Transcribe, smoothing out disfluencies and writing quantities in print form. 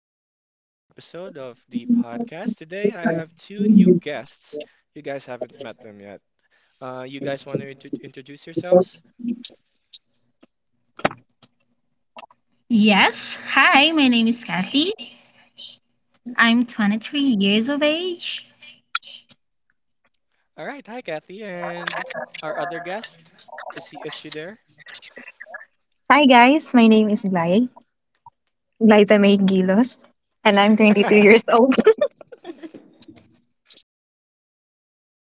back with another episode of the podcast. Today I have two new guests. You guys haven't met them yet. You guys want to introduce yourselves? Yes, hi, my name is Kathy. I'm 23 years of age. All right, hi Kathy, and our other guest. Is she there? Hi guys, my name is Glay, Glaytamay Gilos, and I'm 22 years old.